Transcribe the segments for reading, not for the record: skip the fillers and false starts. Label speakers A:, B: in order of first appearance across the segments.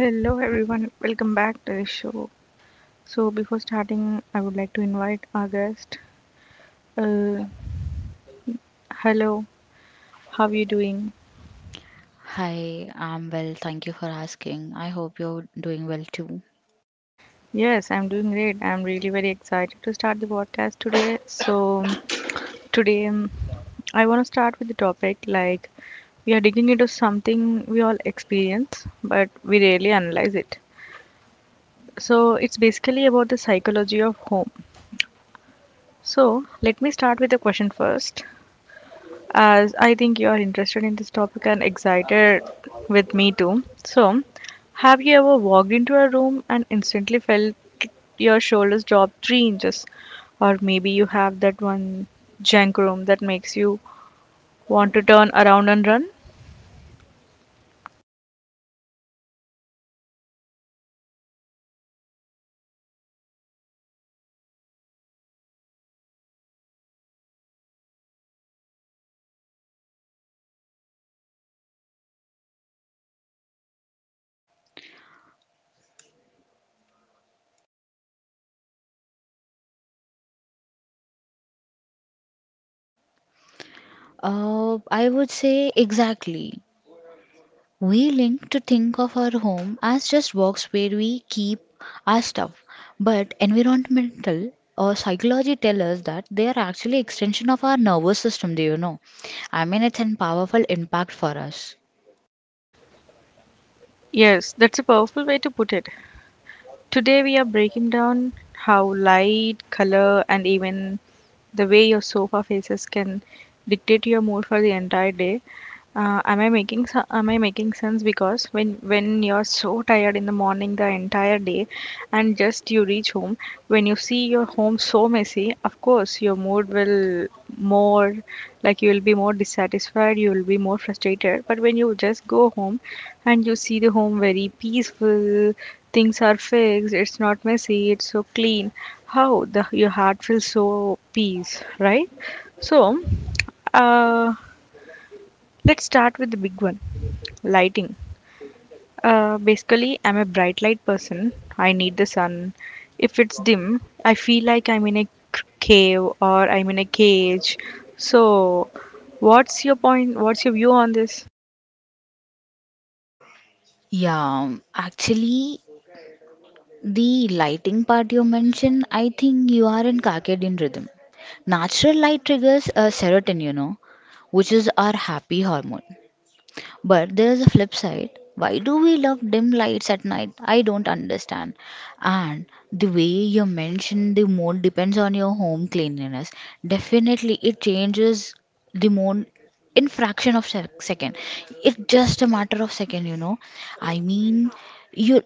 A: Hello, everyone. Welcome back to the show. So, before starting, I would like to invite our guest. Uh, Hello, how are you doing?
B: Hi, I'm well. Thank you for asking. I hope you're doing well too.
A: Yes, I'm doing great. I'm really very excited to start the podcast today. So, today I want to start with the topic like we are digging into something we all experience, but we rarely analyze it. So, it's basically about the psychology of home. So, let me start with a question first. As I think you are interested in this topic and excited with me too. So, have you ever walked into a room and instantly felt your shoulders drop 3 inches? Or maybe you have that one junk room that makes you want to turn around and run?
B: I would say exactly. We link to think of our home as just box where we keep our stuff, but environmental or psychology tell us that they are actually extension of our nervous system. Do you know? I mean, it's a powerful impact for us.
A: Yes, that's a powerful way to put it. Today, we are breaking down how light, color, and even the way your sofa faces can dictate your mood for the entire day. Am I making am I making sense? Because when you're so tired in the morning the entire day, and just you reach home, when you see your home so messy, of course your mood will more like you will be more dissatisfied, you will be more frustrated. But when you just go home, and you see the home very peaceful, things are fixed, it's not messy, it's so clean. How the your heart feels so peace, right? So. Uh, Let's start with the big one, lighting. Basically, I'm a bright light person. I need the sun. If it's dim, I feel like I'm in a c- cave, or I'm in a cage. So, what's your point? What's your view on this?
B: Yeah, actually, the lighting part you mentioned, I think you are in circadian rhythm. Natural light triggers a serotonin, you know, which is our happy hormone. But there is a flip side. Why do we love dim lights at night? I don't understand. And the way you mentioned the mood depends on your home cleanliness. Definitely, it changes the mood in fraction of second. It's just a matter of second, you know. I mean, you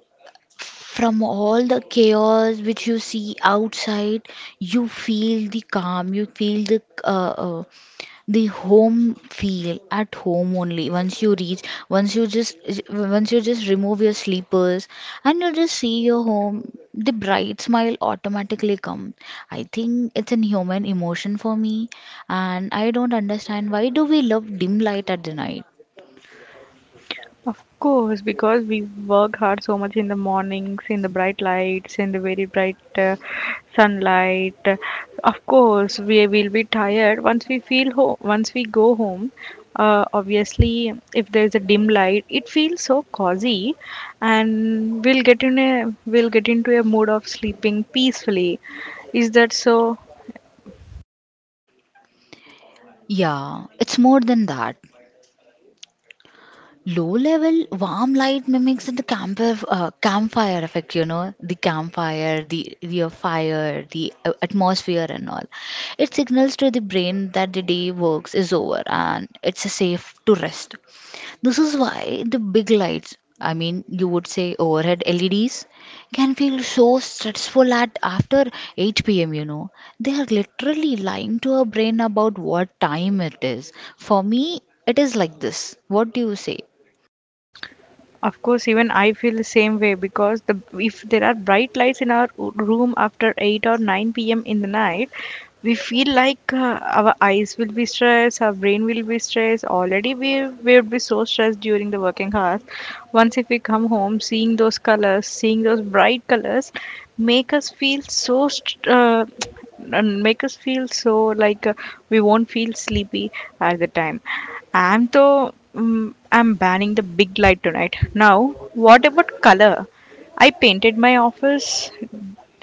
B: from all the chaos which you see outside, you feel the calm, you feel the home feel at home only. Once you reach, once you just remove your sleepers and you just see your home, the bright smile automatically come. I think it's an human emotion for me, and I don't understand why do we love dim light at the night.
A: Of course, because we work hard so much in the mornings, in the bright lights, in the very bright sunlight. Of course, we will be tired once we feel home. Once we go home, obviously, if there is a dim light, it feels so cozy, and we'll get in a we'll get into a mood of sleeping peacefully. Is that so?
B: Yeah, it's more than that. Low level warm light mimics the campfire effect, you know, the campfire, the fire, the atmosphere, and all. It signals to the brain that the day works is over and it's safe to rest. This is why the big lights, I mean, you would say overhead LEDs, can feel so stressful at after 8 p.m., you know. They are literally lying to our brain about what time it is. For me, it is like this. What do you say?
A: Of course, even I feel the same way because the if there are bright lights in our room after 8 or 9 p.m. in the night, we feel like our eyes will be stressed, our brain will be stressed. Already we would be so stressed during the working hours. Once if we come home, seeing those colors, seeing those bright colors, make us feel so and make us feel so like we won't feel sleepy at the time I'm though I'm banning the big light tonight. Now, what about color? I painted my office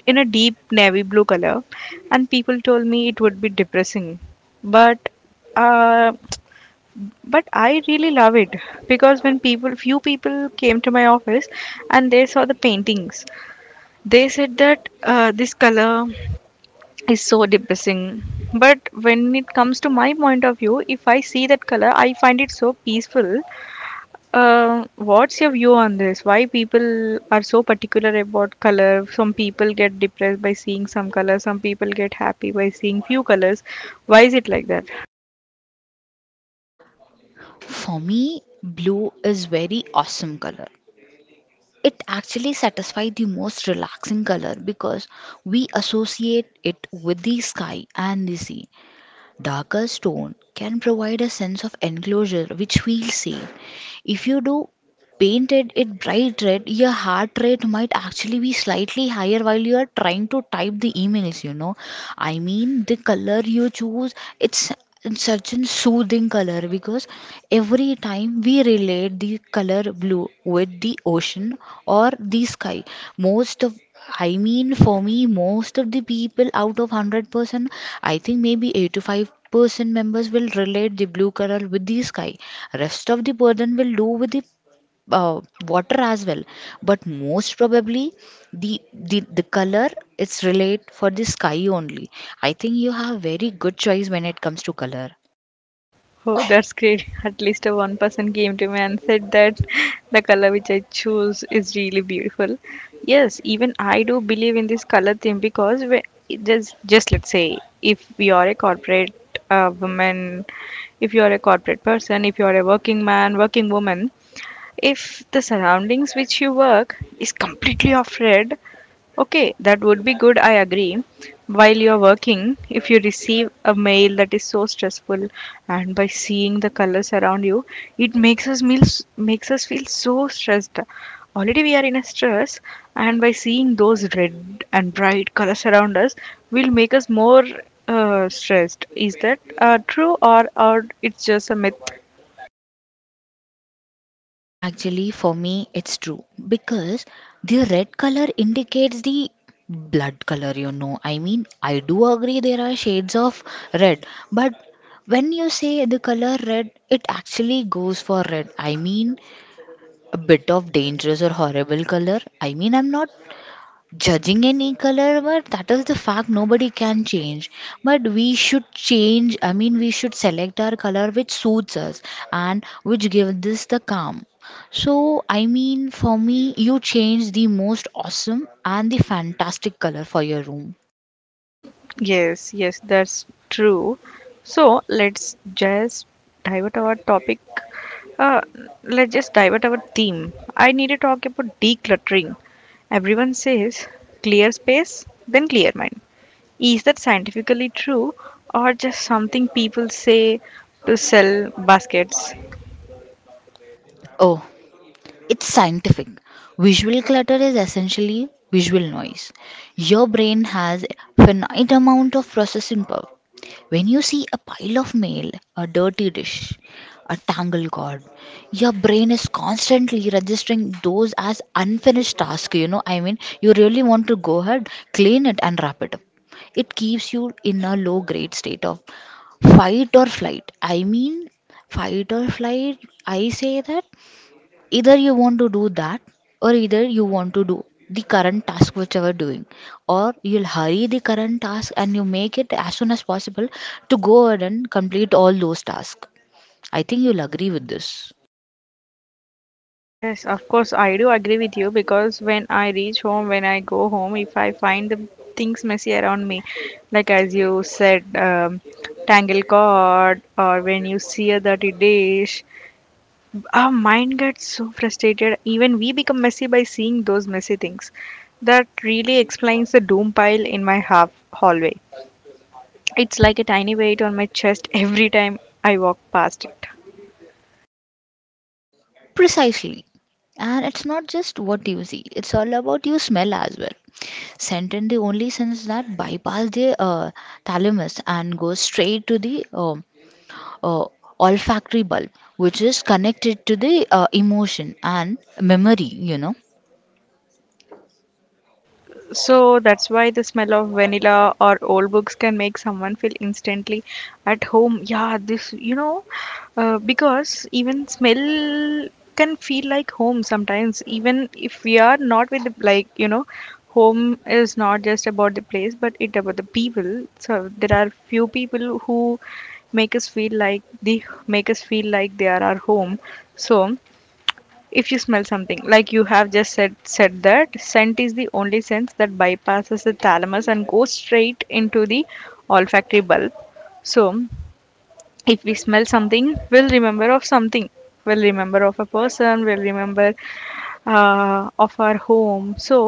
A: in a deep navy blue color, and people told me it would be depressing. But, uh, but I really love it because when people, few people came to my office, and they saw the paintings, they said that this color is so depressing. But when it comes to my point of view, if I see that color, I find it so peaceful. What's your view on this? Why people are so particular about color? Some people get depressed by seeing some colors. Some people get happy by seeing few colors. Why is it like that?
B: For me, blue is very awesome color. It actually satisfies the most relaxing color because we associate it with the sky and the sea. Darker stone can provide a sense of enclosure which feels safe. If you do painted it bright red, your heart rate might actually be slightly higher while you are trying to type the emails, you know. I mean, the color you choose, it's it's such a soothing color because every time we relate the color blue with the ocean or the sky, most of I mean, for me, most of the people out of 100%, I think maybe 85% members will relate the blue color with the sky. Rest of the burden will do with the uh, water as well. But most probably, the color it's relate for the sky only. I think you have very good choice when it comes to color.
A: Oh, that's great. At least a one person came to me and said that the color which I choose is really beautiful. Yes, even I do believe in this color thing because it just let's say if you are a corporate woman, if you are a corporate person, if you are a working man, working woman, if the surroundings which you work is completely off red, okay, that would be good, I agree. While you're working, if you receive a mail that is so stressful, and by seeing the colors around you, it makes us meals makes us feel so stressed. Already we are in a stress, and by seeing those red and bright colors around us will make us more stressed. Is that true, or it's just a myth?
B: Actually, for me, it's true because the red color indicates the blood color, you know. I mean, I do agree there are shades of red, but when you say the color red, it actually goes for red. I mean, a bit of dangerous or horrible color. I mean, I'm not judging any color but that is the fact nobody can change but we should change, I mean we should select our color which suits us and which gives us the calm. So I mean for me you change the most awesome and the fantastic color for your room.
A: Yes, yes, that's true. So let's just divert our topic. Uh, let's just divert our theme. I need to talk about decluttering. Everyone says clear space, then clear mind. Is that scientifically true or just something people say to sell baskets?
B: Oh, it's scientific. Visual clutter is essentially visual noise. Your brain has a finite amount of processing power. When you see a pile of mail, a dirty dish, a tangled cord, your brain is constantly registering those as unfinished tasks. You know, I mean, you really want to go ahead, clean it, and wrap it up. It keeps you in a low grade state of fight or flight. I mean, fight or flight, I say that either you want to do that or either you want to do the current task which you are doing or you'll hurry the current task and you make it as soon as possible to go ahead and complete all those tasks. I think you'll agree with this.
A: Yes, of course, I do agree with you because when I reach home, when I go home, if I find the things messy around me, like as you said, tangle cord, or when you see a dirty dish, our mind gets so frustrated. Even we become messy by seeing those messy things. That really explains the doom pile in my half hallway. It's like a tiny weight on my chest every time I walk past it.
B: Precisely, and it's not just what you see, it's all about you smell as well. Scent in the only sense that bypass the thalamus and goes straight to the uh, olfactory bulb, which is connected to the emotion and memory, you know.
A: So that's why the smell of vanilla or old books can make someone feel instantly at home. Yeah, because even smell can feel like home sometimes, even if we are not with the, home is not just about the place, but it about the people. So there are few people who make us feel like they are our home. So if you smell something like you have just said that scent is the only sense that bypasses the thalamus and goes straight into the olfactory bulb. So if we smell something, we'll remember of something, we'll remember of a person, we'll remember of our home. So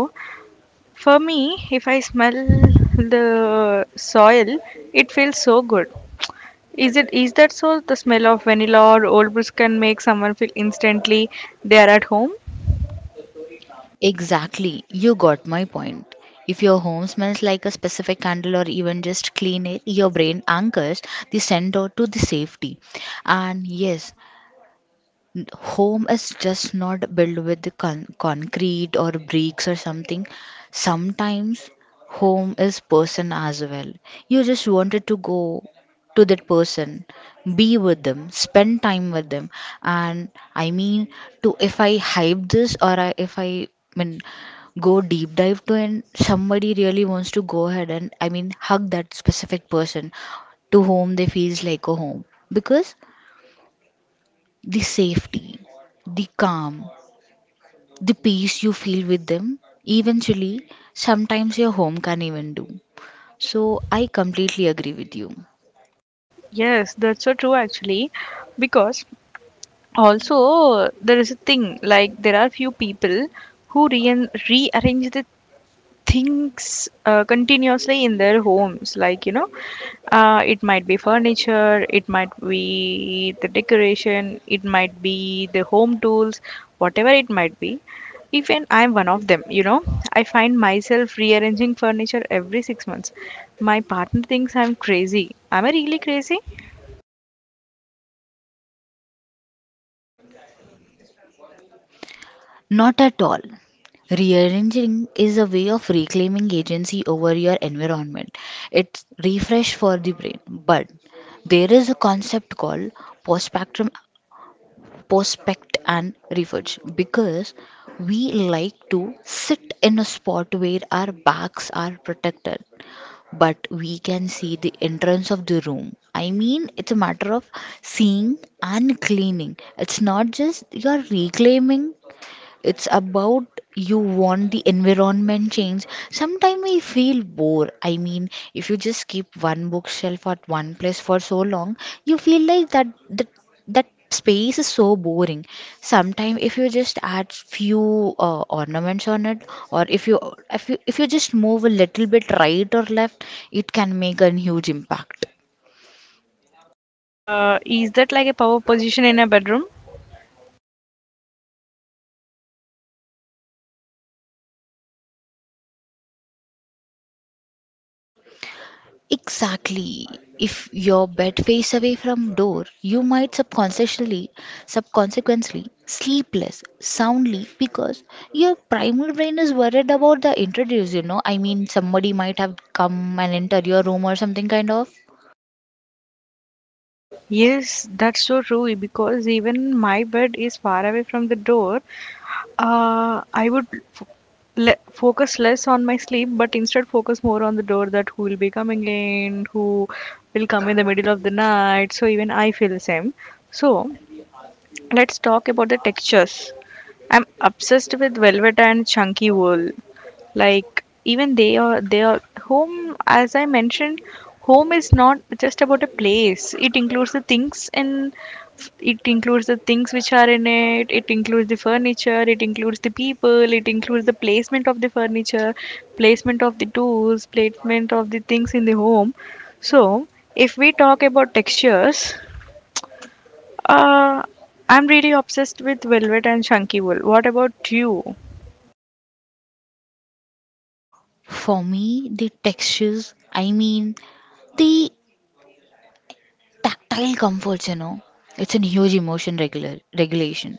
A: for me, if I smell the soil, it feels so good. Is it, is that so, the smell of vanilla or old brews can make someone feel instantly they are at home?
B: Exactly, you got my point. If your home smells like a specific candle or even just clean air, your brain anchors the sender to the safety. And yes, home is just not built with concrete or bricks or something. Sometimes home is person as well. You just wanted to go to that person, be with them, spend time with them. And I mean, to if I hype this or I, if I I mean go deep dive to and somebody really wants to go ahead and I mean hug that specific person to whom they feels like a home, because the safety, the calm, the peace you feel with them, eventually, sometimes your home can even do. So, I completely agree with you.
A: Yes, that's so true actually, because also there is a thing like there are few people who re rearrange the things continuously in their homes. Like you know, it might be furniture, it might be the decoration, it might be the home tools, whatever it might be. Even I'm one of them, you know. I find myself rearranging furniture every 6 months. My partner thinks I'm crazy. Am I really crazy?
B: Not at all. Rearranging is a way of reclaiming agency over your environment. It's refresh for the brain. But there is a concept called postpactrum prospect and refurge, because we like to sit in a spot where our backs are protected but we can see the entrance of the room. I mean, it's a matter of seeing and cleaning. It's not just you're reclaiming, it's about you want the environment change. Sometimes I feel bored, I mean if you just keep one bookshelf at one place for so long, you feel like that space is so boring. Sometimes if you just add few ornaments on it, or if you if you just move a little bit right or left, it can make a huge impact.
A: Is that like a power position in a bedroom?
B: Exactly. If your bed face away from door, you might subconsciously, subconsequently sleep less soundly because your primal brain is worried about the intruders. You know, I mean, somebody might have come and entered your room or something kind of.
A: Yes, that's so true because even my bed is far away from the door. I would f le focus less on my sleep, but instead focus more on the door that who will be coming in, who will come in the middle of the night. So even I feel the same. So let's talk about the textures. I'm obsessed with velvet and chunky wool. Like even they are home. As I mentioned, home is not just about a place. It includes the things in it includes the things which are in it, it includes the furniture, it includes the people, it includes the placement of the furniture, placement of the tools, placement of the things in the home. So if we talk about textures, uh, I'm really obsessed with velvet and chunky wool. What about you?
B: For me, the textures, I mean, the tactile comforts. You know, it's a huge emotion regular regulation.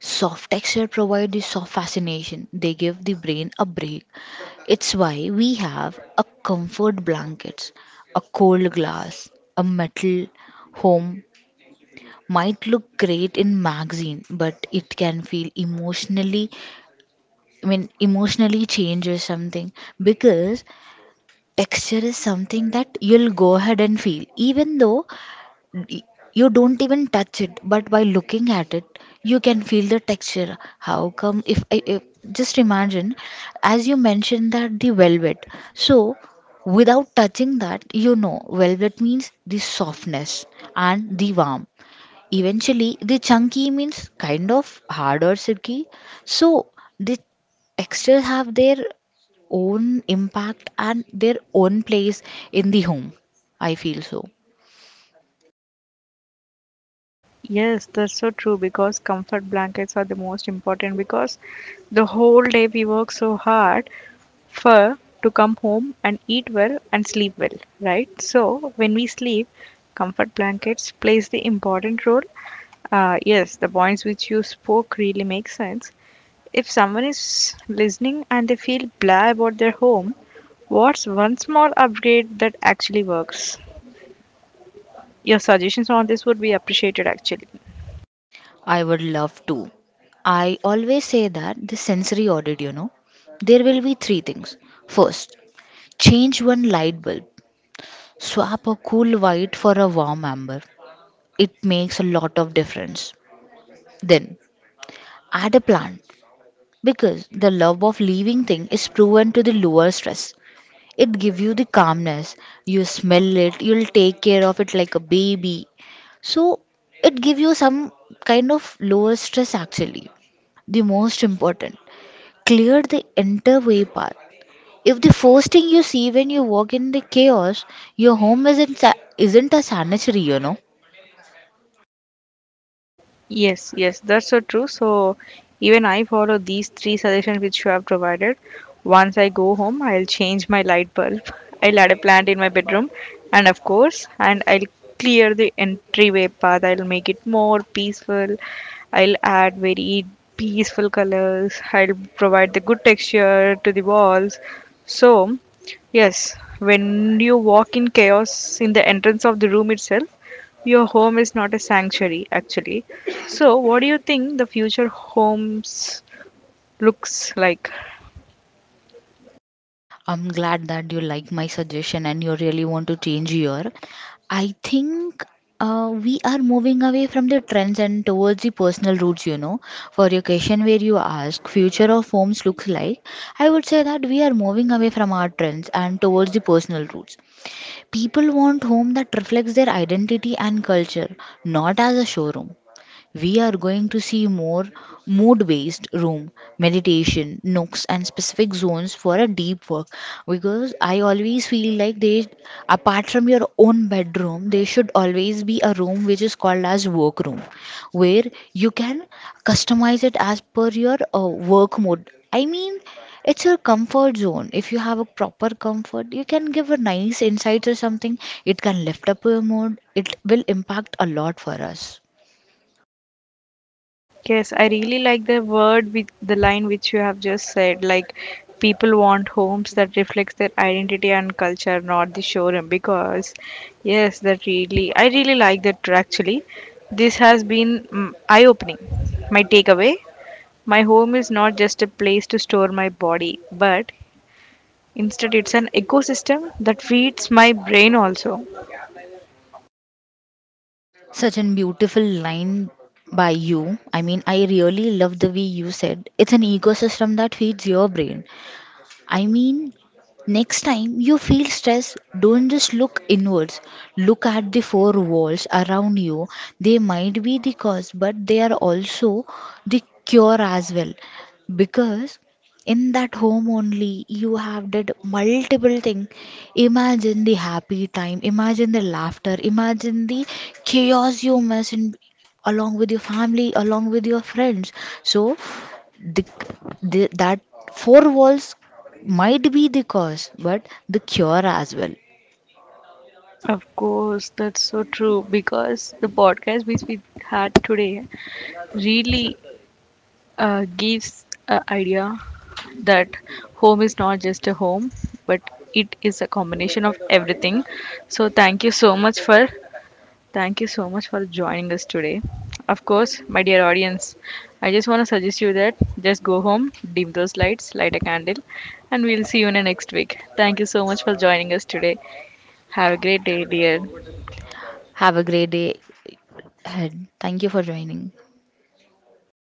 B: Soft texture provide the soft fascination. They give the brain a break. It's why we have a comfort blankets, a cold glass, a metal home might look great in magazine, but it can feel emotionally, I mean emotionally change or something, because texture is something that you'll go ahead and feel even though y- you don't even touch it, but by looking at it you can feel the texture. How come if just imagine as you mentioned that the velvet. So without touching that, you know velvet means the softness and the warm, eventually the chunky means kind of hard or silky. So the textures have their own impact and their own place in the home, I feel so.
A: Uh, Yes, that's so true because comfort blankets are the most important because the whole day we work so hard for to come home and eat well and sleep well, right? So when we sleep, comfort blankets plays the important role. Yes, the points which you spoke really make sense. If someone is listening and they feel blah about their home, what's one small upgrade that actually works? Your suggestions on this would be appreciated actually.
B: I would love to. I always say that the sensory audit, you know, there will be three things. First, change one light bulb, swap a cool white for a warm amber. It makes a lot of difference. Then, add a plant because the love of living thing is proven to the lower stress. It gives you the calmness. You smell it, you'll take care of it like a baby. So, it gives you some kind of lower stress. Actually the most important, clear the entire way path. If the first thing you see when you walk in the chaos, your home isn't a sanitary, you know.
A: Yes, yes, that's so true. So even I follow these three suggestions which you have provided. Once I go home, I'll change my light bulb. I'll add a plant in my bedroom, and of course, and I'll clear the entryway path. I'll make it more peaceful. I'll add very peaceful colors. I'll provide the good texture to the walls. So, yes, when you walk in chaos in the entrance of the room itself, your home is not a sanctuary, actually. So, what do you think the future homes looks like?
B: I'm glad that you like my suggestion and you really want to change your. I think we are moving away from the trends and towards the personal roots, you know. For your question where you ask future of homes looks like, I would say that we are moving away from our trends and towards the personal roots. People want home that reflects their identity and culture, not as a showroom. We are going to see more mood based room, meditation, nooks, and specific zones for a deep work, because I always feel like they, apart from your own bedroom, there should always be a room which is called as work room where you can customize it as per your work mode. I mean, it's your comfort zone. If you have a proper comfort, you can give a nice insights or something. It can lift up your mood. It will impact a lot for us.
A: Yes, I really like the word with the line which you have just said. Like, people want homes that reflects their identity and culture, not the showroom. Because, yes, that really, I really like that actually. This has been eye-opening. My takeaway. My home is not just a place to store my body, but instead, it's an ecosystem that feeds my brain also.
B: Such a beautiful line by you. I mean, I really love the way you said it's an ecosystem that feeds your brain. I mean, next time you feel stressed, don't just look inwards. Look at the four walls around you. They might be the cause, but they are also the cure as well. Because in that home only you have did multiple things. Imagine the happy time, imagine the laughter, imagine the chaos you mess in along with your family, along with your friends. So, the, the that four walls might be the cause but the cure as well.
A: Of course, that's so true because the podcast which we had today really gives an idea that home is not just a home, but it is a combination of everything. So, thank you so much for joining us today. Of course, my dear audience, I just want to suggest you that just go home, dim those lights, light a candle, and we'll see you in the next week. Thank you so much for joining us today. Have a great day, dear.
B: Have a great day ahead. Thank you for joining.